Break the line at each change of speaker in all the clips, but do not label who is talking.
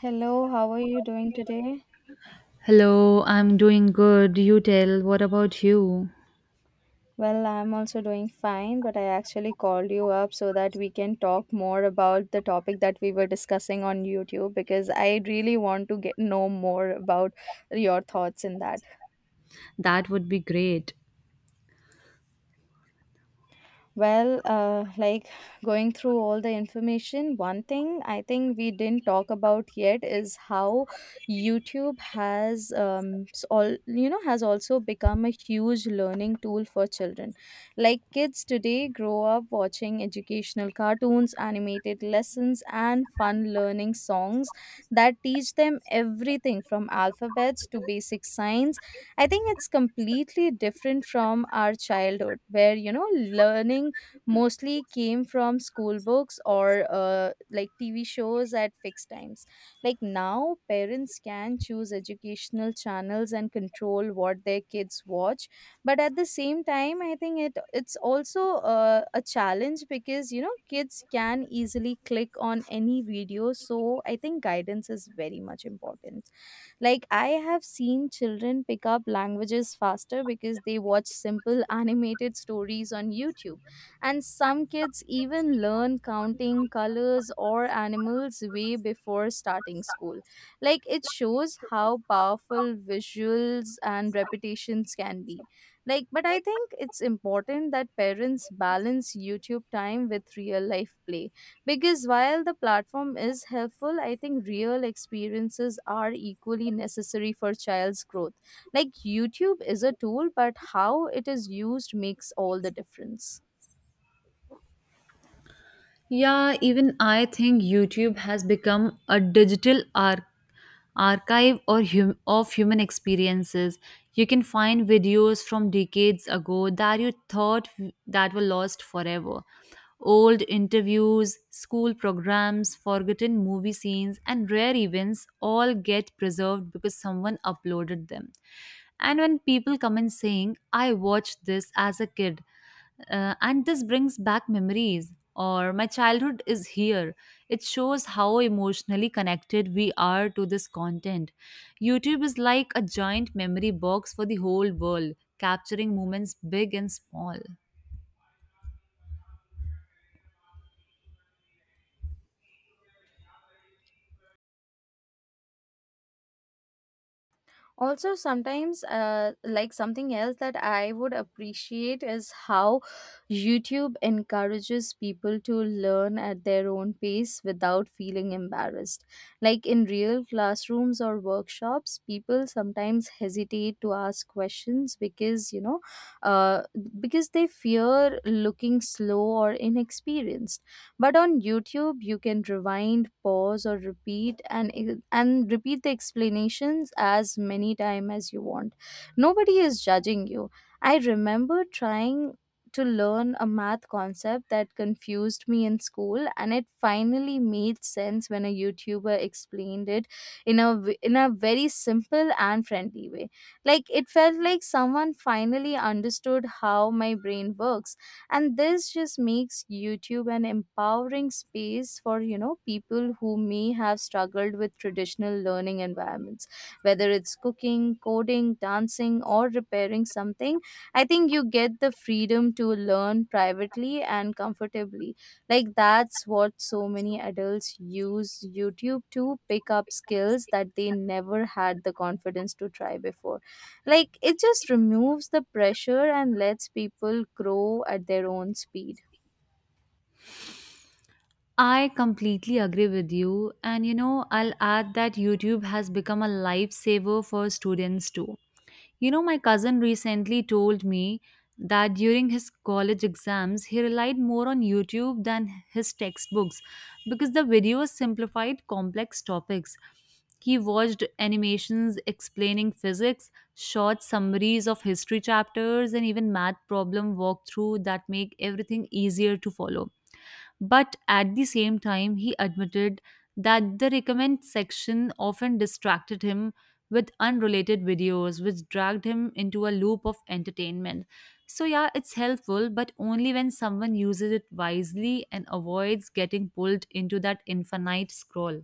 Hello, how are you doing today?
Hello, I'm doing good. You tell, what about you?
Well, I'm also doing fine, but I actually called you up so that we can talk more about the topic that we were discussing on YouTube because I really want to get know more about your thoughts in that.
That would be great.
Well, like going through all the information, one thing I think we didn't talk about yet is how YouTube has s- all you know has also become a huge learning tool for children. Like kids today grow up watching educational cartoons, animated lessons, and fun learning songs that teach them everything from alphabets to basic science. I think it's completely different from our childhood, where learning mostly came from school books or like TV shows at fixed times. Like now, parents can choose educational channels and control what their kids watch. But at the same time, I think it's also a challenge because kids can easily click on any video. So I think guidance is very much important. Like, I have seen children pick up languages faster because they watch simple animated stories on YouTube. And some kids even learn counting colors or animals way before starting school. Like, it shows how powerful visuals and repetitions can be. Like, but I think it's important that parents balance YouTube time with real life play because while the platform is helpful, I think real experiences are equally necessary for child's growth. Like, YouTube is a tool, but how it is used makes all the difference.
Yeah, even I think YouTube has become a digital archive. Archive or hum- of human experiences. You can find videos from decades ago that that were lost forever. Old interviews, school programs, forgotten movie scenes, and rare events all get preserved because someone uploaded them. And when people come in saying, I watched this as a kid, and this brings back memories, or my childhood is here. It shows how emotionally connected we are to this content. YouTube is like a giant memory box for the whole world, capturing moments big and small.
Also, sometimes, like, something else that I would appreciate is how YouTube encourages people to learn at their own pace without feeling embarrassed. Like, in real classrooms or workshops, people sometimes hesitate to ask questions because you know uh, because they fear looking slow or inexperienced. But on YouTube, you can rewind, pause, or repeat, and repeat the explanations as many time as you want. Nobody is judging you. I remember trying to learn a math concept that confused me in school, and it finally made sense when a YouTuber explained it in a very simple and friendly way. Like, it felt like someone finally understood how my brain works. And this just makes YouTube an empowering space for people who may have struggled with traditional learning environments. Whether it's cooking, coding, dancing, or repairing something, I think you get the freedom to learn privately and comfortably. Like, that's what so many adults use YouTube to pick up skills that they never had the confidence to try before. Like, it just removes the pressure and lets people grow at their own speed.
I completely agree with you. And you know, I'll add that YouTube has become a lifesaver for students too. You know, my cousin recently told me that during his college exams, he relied more on YouTube than his textbooks, because the videos simplified complex topics. He watched animations explaining physics, short summaries of history chapters, and even math problem walkthrough that make everything easier to follow. But at the same time, he admitted that the recommend section often distracted him with unrelated videos, which dragged him into a loop of entertainment. So, yeah, it's helpful, but only when someone uses it wisely and avoids getting pulled into that infinite scroll.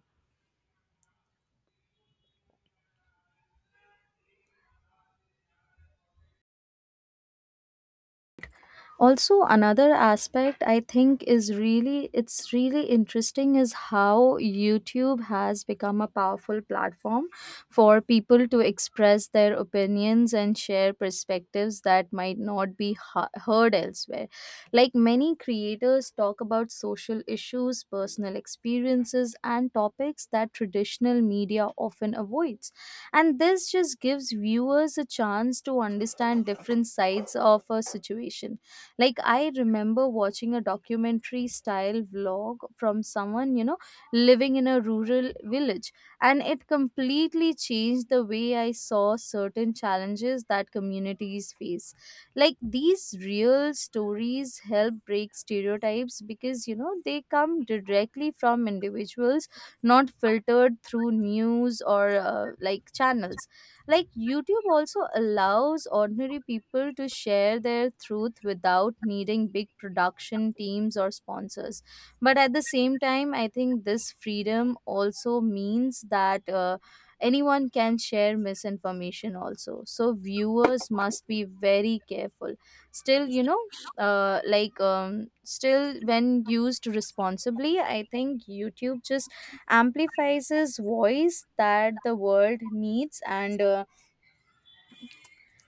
Also, another aspect I think is really it's really interesting is how YouTube has become a powerful platform for people to express their opinions and share perspectives that might not be heard elsewhere. Like, many creators talk about social issues, personal experiences, and topics that traditional media often avoids. And this just gives viewers a chance to understand different sides of a situation. Like, I remember watching a documentary style vlog from someone living in a rural village, and it completely changed the way I saw certain challenges that communities face. Like, these real stories help break stereotypes because they come directly from individuals, not filtered through news or, like, channels. Like, YouTube also allows ordinary people to share their truth without needing big production teams or sponsors. But at the same time, I think this freedom also means that anyone can share misinformation also. So viewers must be very careful. Still, you know, like still when used responsibly, I think YouTube just amplifies his voice that the world needs and uh,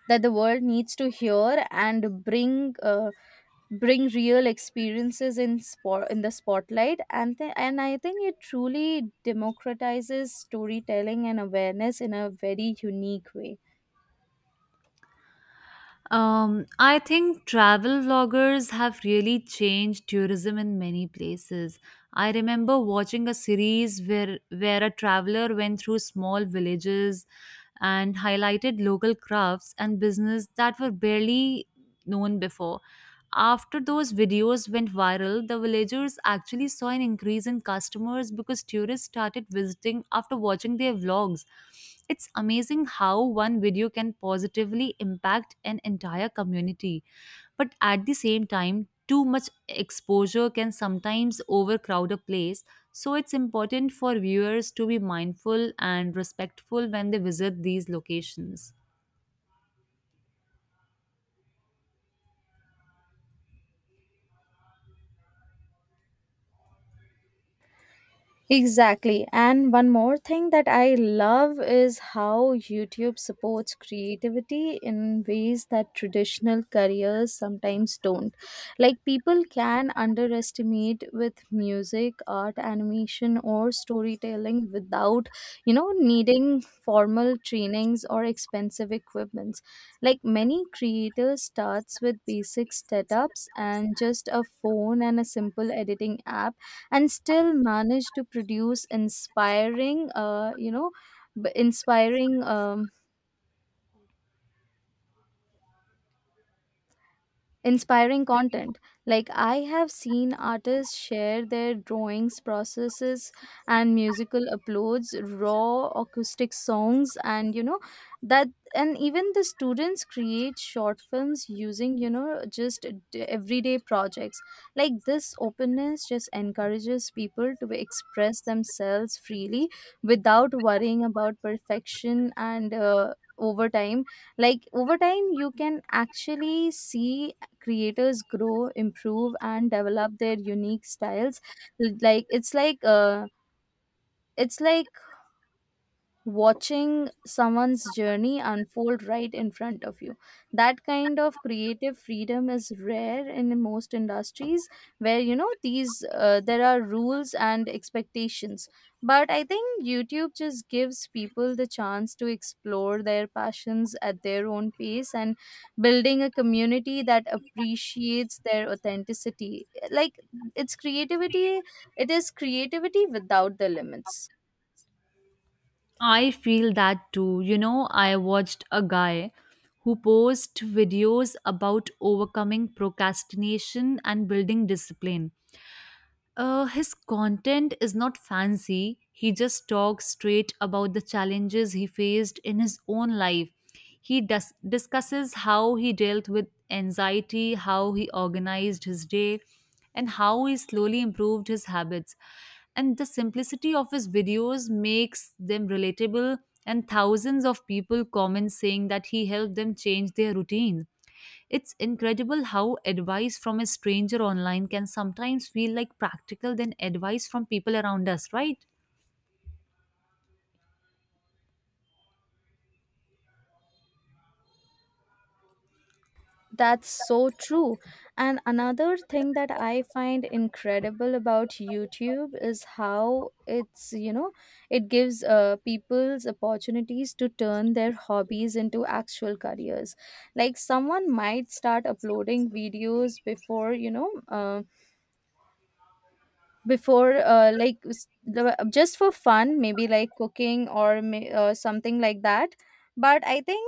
that the world needs to hear and bring real experiences in the spotlight and I think it truly democratizes storytelling and awareness in a very unique way.
I think travel vloggers have really changed tourism in many places. I remember watching a series where a traveler went through small villages and highlighted local crafts and business that were barely known before. After those videos went viral, the villagers actually saw an increase in customers because tourists started visiting after watching their vlogs. It's amazing how one video can positively impact an entire community. But at the same time, too much exposure can sometimes overcrowd a place. So it's important for viewers to be mindful and respectful when they visit these locations.
Exactly. And one more thing that I love is how YouTube supports creativity in ways that traditional careers sometimes don't. Like, people can underestimate with music, art, animation or storytelling without, needing formal trainings or expensive equipments. Like, many creators starts with basic setups and just a phone and a simple editing app and still manage to produce inspiring you know b- inspiring inspiring content. Like, I have seen artists share their drawings processes, and musical uploads, raw acoustic songs, and you know that and even the students create short films using just everyday projects. Like, this openness just encourages people to express themselves freely without worrying about perfection. And over time, you can actually see creators grow, improve, and develop their unique styles. Like, it's like watching someone's journey unfold right in front of you. That kind of creative freedom is rare in most industries where you know these there are rules and expectations. But I think YouTube just gives people the chance to explore their passions at their own pace, and building a community that appreciates their authenticity. Like, it's creativity, it is creativity without the limits.
I feel that too. You know, I watched a guy who posts videos about overcoming procrastination and building discipline. His content is not fancy. He just talks straight about the challenges he faced in his own life. Discusses how he dealt with anxiety, how he organized his day, and how he slowly improved his habits. And the simplicity of his videos makes them relatable, and thousands of people comment saying that he helped them change their routines. It's incredible how advice from a stranger online can sometimes feel like practical than advice from people around us, right?
That's so true. And another thing that I find incredible about YouTube is how it gives people's opportunities to turn their hobbies into actual careers. Like, someone might start uploading videos before, like just for fun, maybe like cooking or something like that. But I think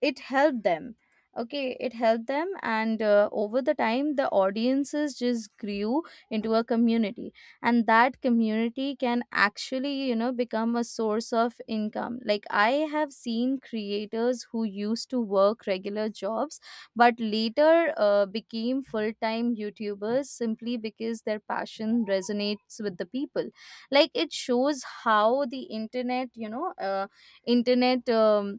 it helped them okay it helped them, and over the time, the audiences just grew into a community. And that community can actually become a source of income. Like, I have seen creators who used to work regular jobs, but later became full-time YouTubers simply because their passion resonates with the people. Like, it shows how the internet you know internet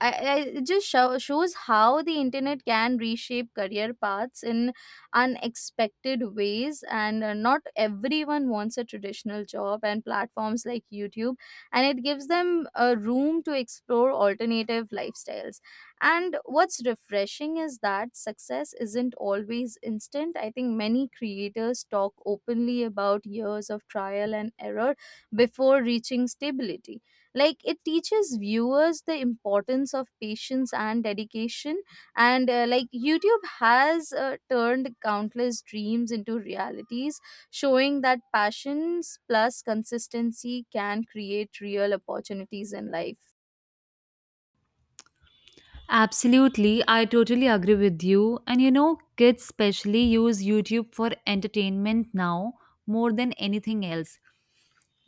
I it just show, shows how the internet can reshape career paths in unexpected ways. And not everyone wants a traditional job, and platforms like YouTube, and it gives them a room to explore alternative lifestyles. And what's refreshing is that success isn't always instant. I think many creators talk openly about years of trial and error before reaching stability. Like, it teaches viewers the importance of patience and dedication, and like, YouTube has turned countless dreams into realities, showing that passions plus consistency can create real opportunities in life.
Absolutely, I totally agree with you. And you know, kids especially use YouTube for entertainment now more than anything else.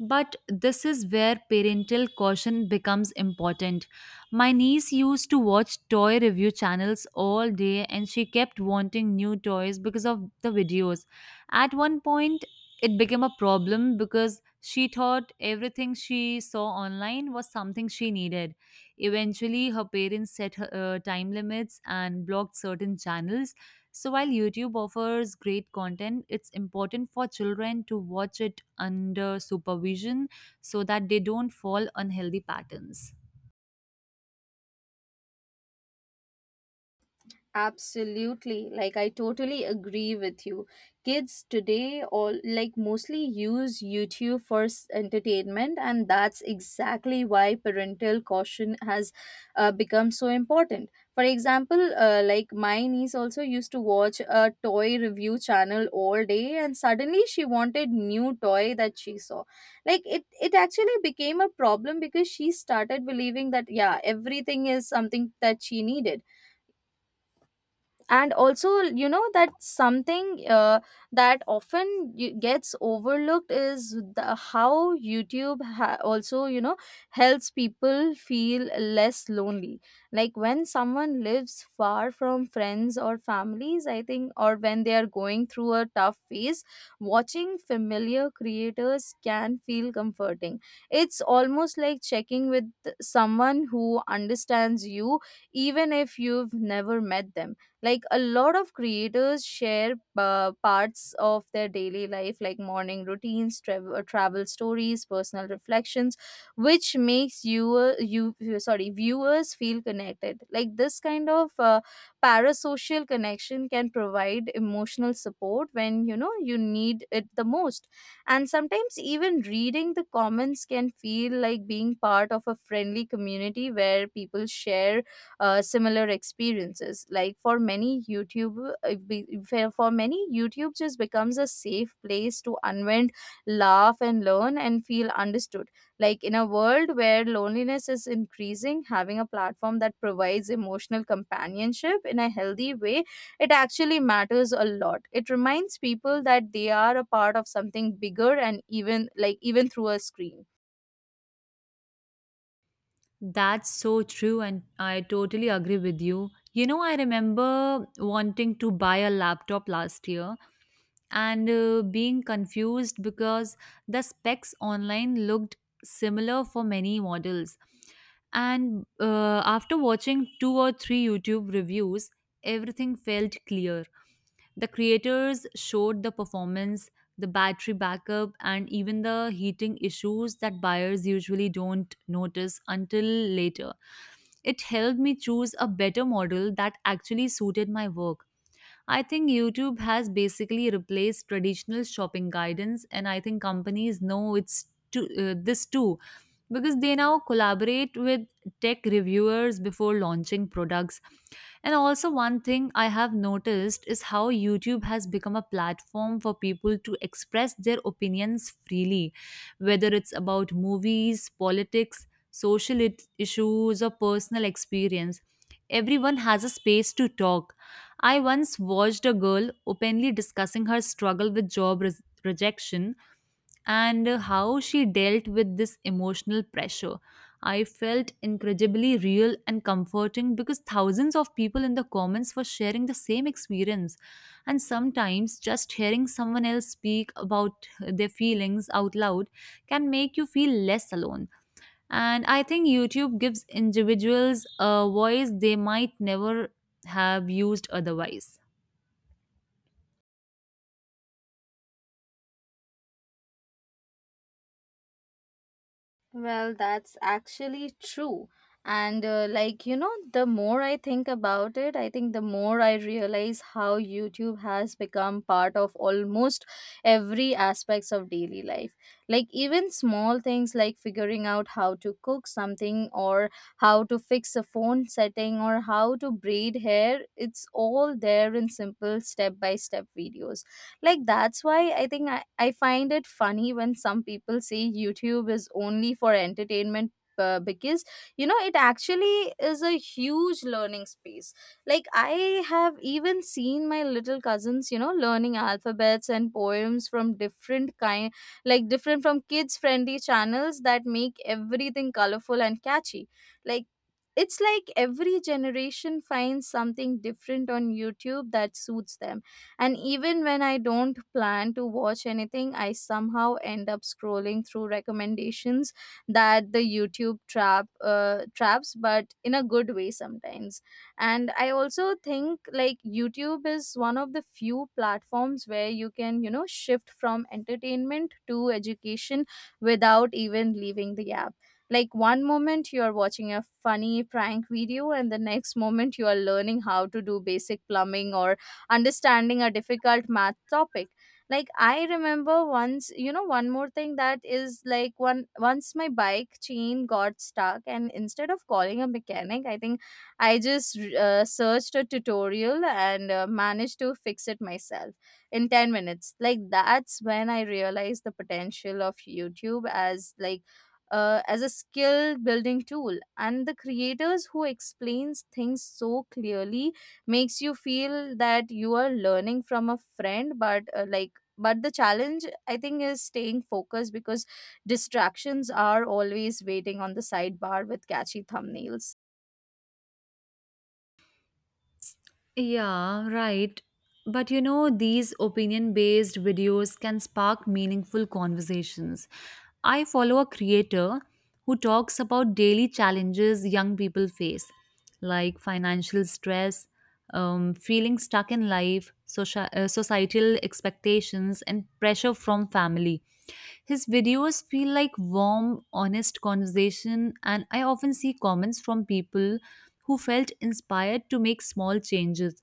But this is where parental caution becomes important. My niece used to watch toy review channels all day, and she kept wanting new toys because of the videos. At one point, it became a problem because she thought everything she saw online was something she needed. Eventually, her parents set time limits and blocked certain channels. So while YouTube offers great content, it's important for children to watch it under supervision so that they don't fall unhealthy patterns.
Absolutely. Like, I totally agree with you. Kids today, all like, mostly use YouTube for entertainment, and that's exactly why parental caution has become so important. For example, like, my niece also used to watch a toy review channel all day, and suddenly she wanted new toy that she saw. Like, it actually became a problem because she started believing that, yeah, everything is something that she needed. And also, you know that something that often gets overlooked is how YouTube also helps people feel less lonely. Like, when someone lives far from friends or families, I think, or when they are going through a tough phase, watching familiar creators can feel comforting. It's almost like checking with someone who understands you, even if you've never met them. Like, a lot of creators share parts of their daily life, like morning routines, travel stories, personal reflections, which makes you you you- sorry viewers feel connected. Like, this kind of parasocial connection can provide emotional support when you need it the most. And sometimes even reading the comments can feel like being part of a friendly community where people share similar experiences. Like, for many YouTube just becomes a safe place to unwind, laugh, and learn, and feel understood. Like, in a world where loneliness is increasing, having a platform that provides emotional companionship in a healthy way, it actually matters a lot. It reminds people that they are a part of something bigger, and even through a screen.
That's so true, and I totally agree with you. You know, I remember wanting to buy a laptop last year and being confused because the specs online looked similar for many models. And after watching two or three YouTube reviews, everything felt clear. The creators showed the performance, the battery backup, and even the heating issues that buyers usually don't notice until later. It helped me choose a better model that actually suited my work. I think YouTube has basically replaced traditional shopping guidance, and I think companies know it's to, this too, because they now collaborate with tech reviewers before launching products. And also, one thing I have noticed is how YouTube has become a platform for people to express their opinions freely, whether it's about movies, politics, issues, or personal experience. Everyone has a space to talk. I once watched a girl openly discussing her struggle with job res- rejection and how she dealt with this emotional pressure. I felt incredibly real and comforting because thousands of people in the comments were sharing the same experience. And sometimes just hearing someone else speak about their feelings out loud can make you feel less alone. And I think YouTube gives individuals a voice they might never have used otherwise.
Well, that's actually true. And like, the more I think about it, I think the more I realize how YouTube has become part of almost every aspects of daily life. Like even small things like figuring out how to cook something, or how to fix a phone setting, or how to braid hair, it's all there in simple step-by-step videos. Like that's why I find it funny when some people say youtube is only for entertainment, because you know it actually is a huge learning space. Like I have even seen my little cousins, learning alphabets and poems from different kind, like different from kids friendly channels that make everything colorful and catchy. Like it's like every generation finds something different on youtube that suits them. And even when I don't plan to watch anything, I somehow end up scrolling through recommendations. That the YouTube trap, traps, but in a good way sometimes. And I also think like YouTube is one of the few platforms where you can, you know, shift from entertainment to education without even leaving the app. Like one moment you are watching a funny prank video and the next moment you are learning how to do basic plumbing or understanding a difficult math topic. Like I remember once, you know, one more thing that is like one, once my bike chain got stuck and instead of calling a mechanic, I think I just searched a tutorial and managed to fix it myself in 10 minutes. Like that's when I realized the potential of youtube as like, as a skill building tool. And the creators who explains things so clearly makes you feel that you are learning from a friend. But but the challenge I think is staying focused, because distractions are always waiting on the sidebar with catchy thumbnails.
Yeah, right. But you know, these opinion based videos can spark meaningful conversations. I follow a creator who talks about daily challenges young people face, like financial stress, feeling stuck in life, societal expectations, and pressure from family. His videos feel like warm, honest conversation, and I often see comments from people who felt inspired to make small changes.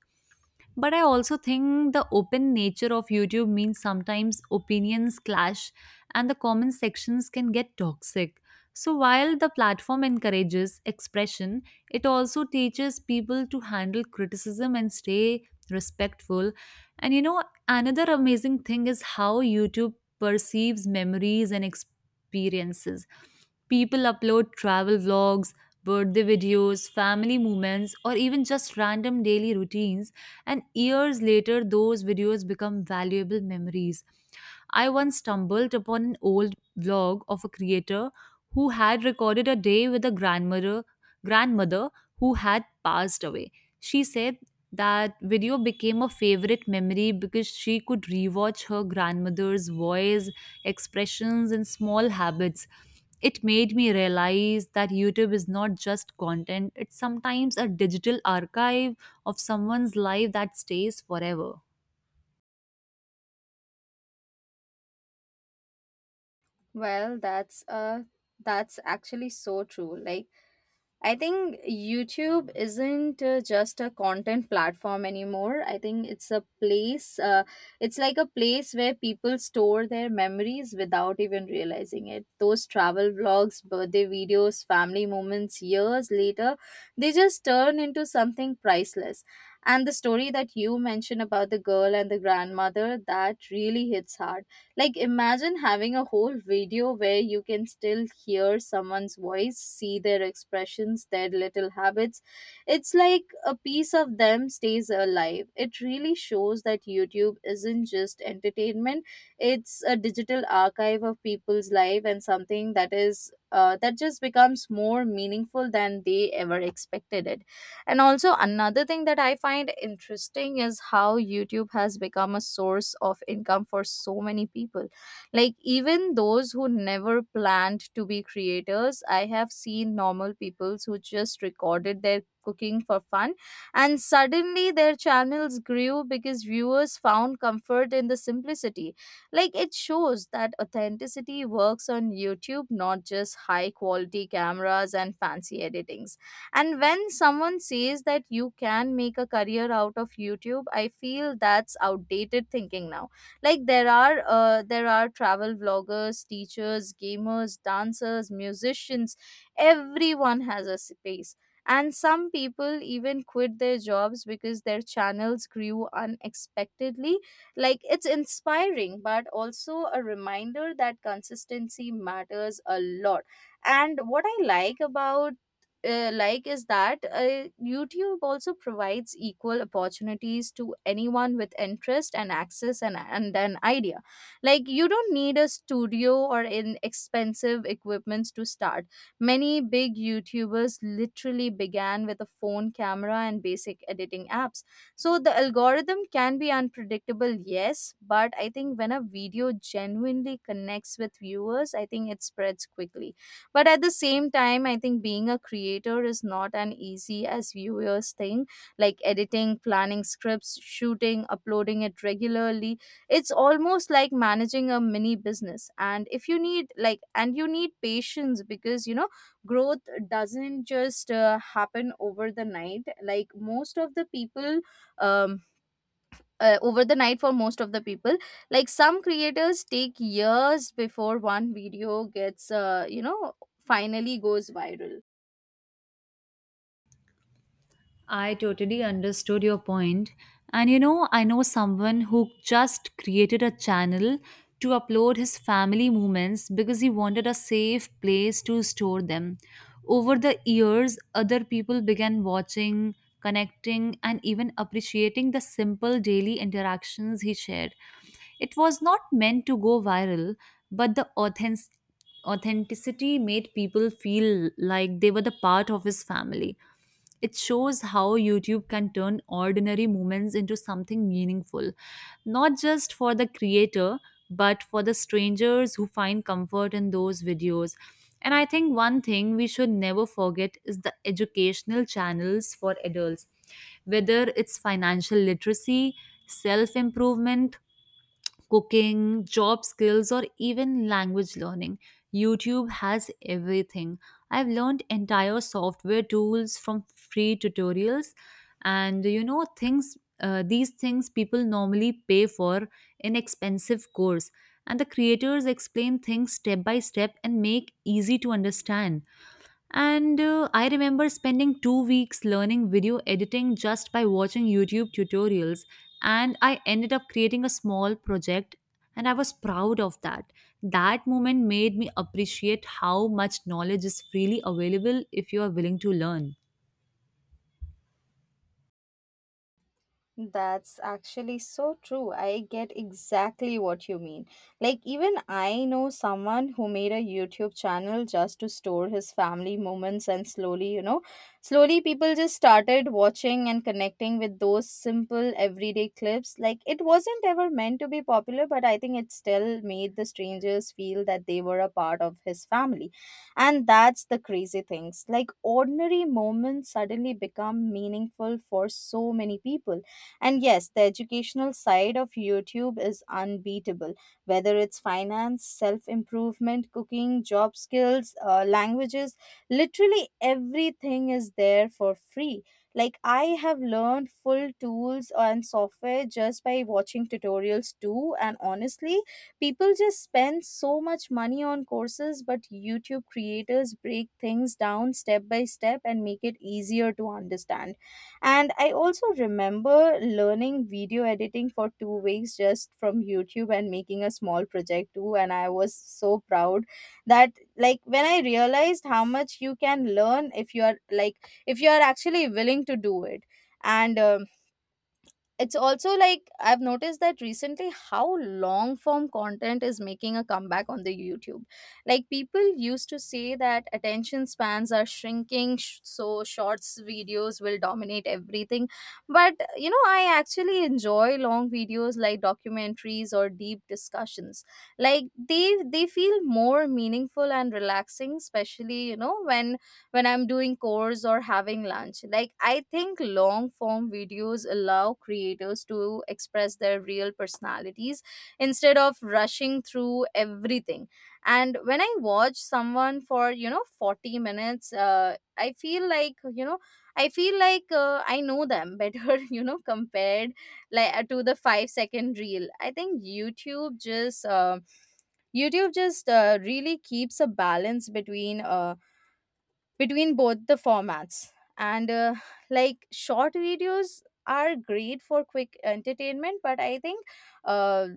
But I also think the open nature of YouTube means sometimes opinions clash, and the comment sections can get toxic. So while the platform encourages expression, it also teaches people to handle criticism and stay respectful. And you know, another amazing thing is how YouTube perceives memories and experiences. People upload travel vlogs, birthday videos, family moments, or even just random daily routines, and years later those videos become valuable memories. I once stumbled upon an old vlog of a creator who had recorded a day with a grandmother who had passed away. She said that video became a favorite memory because she could rewatch her grandmother's voice, expressions and small habits. It made me realize that YouTube is not just content, it's sometimes a digital archive of someone's life that stays forever.
Well, that's actually so true. Like I think YouTube isn't just a content platform anymore. I think it's a it's like a place where people store their memories without even realizing it. Those travel vlogs, birthday videos, family moments years later, they just turn into something priceless. And the story that you mentioned about the girl and the grandmother, that really hits hard. Like, imagine having a whole video where you can still hear someone's voice, see their expressions, their little habits. It's like a piece of them stays alive. It really shows that YouTube isn't just entertainment, it's a digital archive of people's life and something that is. That just becomes more meaningful than they ever expected it. And also, another thing that I find interesting is how YouTube has become a source of income for so many people. Like, even those who never planned to be creators, I have seen normal people who just recorded their cooking for fun and suddenly their channels grew because viewers found comfort in the simplicity. Like it shows that authenticity works on youtube, not just high quality cameras and fancy editing. And when someone says that you can make a career out of YouTube, I feel that's outdated thinking now. Like there are travel vloggers, teachers, gamers, dancers, musicians, everyone has a space. And some people even quit their jobs because their channels grew unexpectedly. Like it's inspiring, but also a reminder that consistency matters a lot. And what I like about, is that YouTube also provides equal opportunities to anyone with interest and access and an idea. Like you don't need a studio or in expensive equipments to start. Many big YouTubers literally began with a phone camera and basic editing apps. So the algorithm can be unpredictable, yes, but I think when a video genuinely connects with viewers, I think it spreads quickly. But at the same time, I think being a creator is not an easy as viewers thing. Like editing, planning scripts, shooting, uploading it regularly. It's almost like managing a mini business. And if you need like and you need patience because you know growth doesn't just happen over the night. Like most of the people, um over the night for most of the people, like some creators take years before one video gets, finally goes viral.
I totally understood your point. And you know, I know someone who just created a channel to upload his family moments because he wanted a safe place to store them. Over the years, other people began watching, connecting, and even appreciating the simple daily interactions he shared. It was not meant to go viral, but the authenticity made people feel like they were the part of his family. It shows how YouTube can turn ordinary moments into something meaningful, not just for the creator, but for the strangers who find comfort in those videos. And I think one thing we should never forget is the educational channels for adults, whether it's financial literacy, self improvement, cooking, job skills, or even language learning. YouTube has everything. I've learned entire software tools from free tutorials, and you know, things these things people normally pay for in expensive course, and the creators explain things step by step and make easy to understand. And I remember spending 2 weeks learning video editing just by watching YouTube tutorials. And I ended up creating a small project, and I was proud of that. That moment made me appreciate how much knowledge is freely available if you are willing to learn.
That's actually so true. I get exactly what you mean. Like, even I know someone who made a YouTube channel just to store his family moments, and slowly, people just started watching and connecting with those simple everyday clips. Like, it wasn't ever meant to be popular, but I think it still made the strangers feel that they were a part of his family. And that's the crazy things. Like, ordinary moments suddenly become meaningful for so many people. And yes, the educational side of YouTube is unbeatable, whether it's finance, self improvement, cooking, job skills, languages, literally everything is there for free. Like, I have learned full tools and software just by watching tutorials too. And honestly, people just spend so much money on courses, but YouTube creators break things down step by step and make it easier to understand. And I also remember learning video editing for 2 weeks just from YouTube and making a small project too. And I was so proud that, like, when I realized how much you can learn if you are, like, if you are actually willing to do it. And, it's also like I've noticed that recently how long form content is making a comeback on the YouTube. Like people used to say that attention spans are shrinking, so shorts videos will dominate everything. But you know, I actually enjoy long videos like documentaries or deep discussions. Like they feel more meaningful and relaxing, especially you know when I'm doing chores or having lunch. Like, I think long form videos allow creators to express their real personalities instead of rushing through everything. And when I watch someone for, you know, 40 minutes, I feel like, you know, I feel like I know them better, you know, compared to the 5 second reel. I think YouTube just really keeps a balance between between both the formats. And like short videos are great for quick entertainment, but I think uh,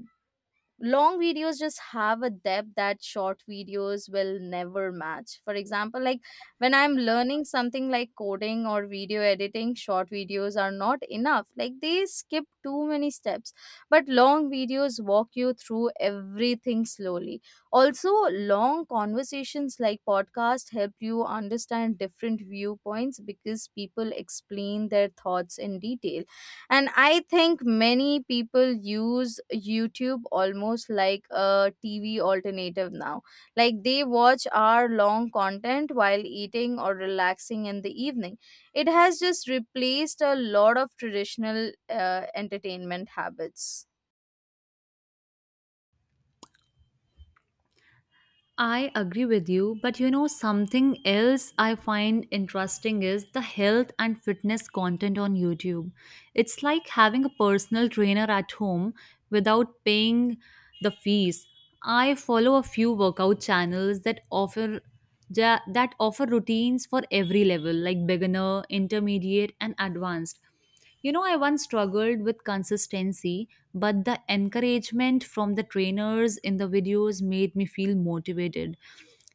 long videos just have a depth that short videos will never match. For example, like when I'm learning something like coding or video editing, short videos are not enough, like they skip too many steps, but long videos walk you through everything slowly. Also long conversations like podcast help you understand different viewpoints because people explain their thoughts in detail. And I think many people use youtube almost like a tv alternative now. Like they watch hour long content while eating or relaxing in the evening. It has just replaced a lot of traditional entertainment habits.
I agree with you, but you know, something else I find interesting is the health and fitness content on YouTube. It's like having a personal trainer at home without paying the fees. I follow a few workout channels that offer routines for every level, like beginner, intermediate, and advanced. You know, I once struggled with consistency, but the encouragement from the trainers in the videos made me feel motivated.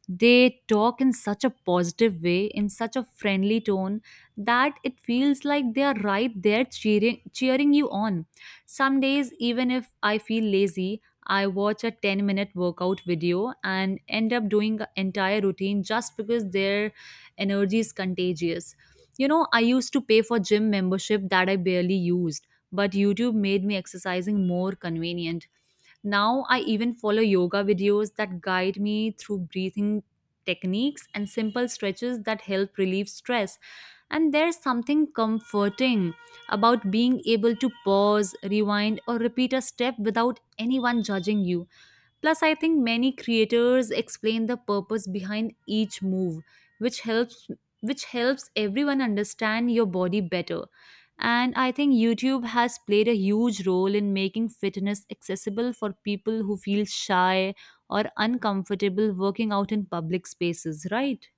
They talk in such a positive way, in such a friendly tone, that it feels like they are right there cheering you on. Some days, even if I feel lazy, I watch a 10-minute workout video and end up doing an entire routine just because their energy is contagious. You know, I used to pay for gym membership that I barely used, but YouTube made me exercising more convenient. Now I even follow yoga videos that guide me through breathing techniques and simple stretches that help relieve stress. And there's something comforting about being able to pause, rewind, or repeat a step without anyone judging you. Plus, I think many creators explain the purpose behind each move, which helps which helps everyone understand your body better. And I think YouTube has played a huge role in making fitness accessible for people who feel shy or uncomfortable working out in public spaces, right?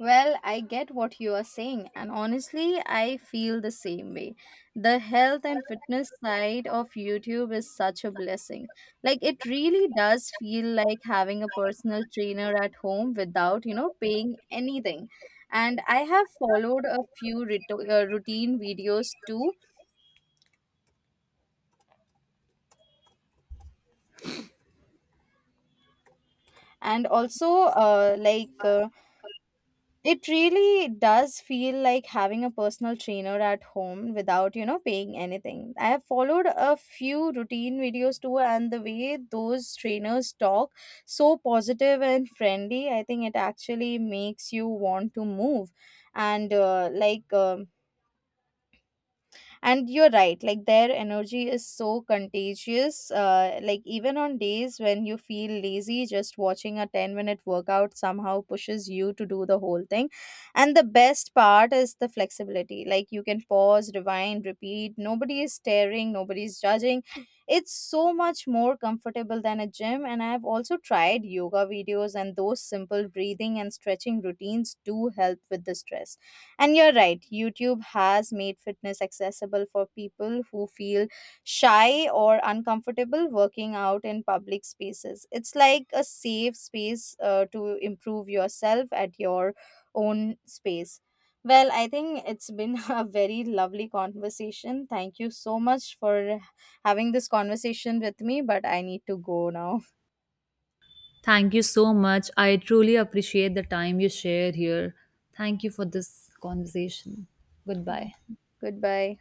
Well, I get what you are saying, and honestly, I feel the same way. The health and fitness side of YouTube is such a blessing. Like, it really does feel like having a personal trainer at home without, you know, paying anything. And I have followed a few routine videos too, and also, uh, like, uh, It really does feel like having a personal trainer at home without, you know, paying anything. I have followed a few routine videos too, and the way those trainers talk, so positive and friendly, I think it actually makes you want to move. And and you're right, like their energy is so contagious. Like even on days when you feel lazy, just watching a 10-minute workout somehow pushes you to do the whole thing. And the best part is the flexibility. Like you can pause, rewind, repeat, nobody is staring, nobody's judging. It's so much more comfortable than a gym. And I've also tried yoga videos and those simple breathing and stretching routines do help with the stress. And you're right, YouTube has made fitness accessible for people who feel shy or uncomfortable working out in public spaces. It's like a safe space to improve yourself at your own space. Well, I think it's been a very lovely conversation. Thank you so much for having this conversation with me, but I need to go now.
Thank you so much. I truly appreciate the time you share here. Thank you for this conversation.
Thank
Goodbye.
you. Goodbye.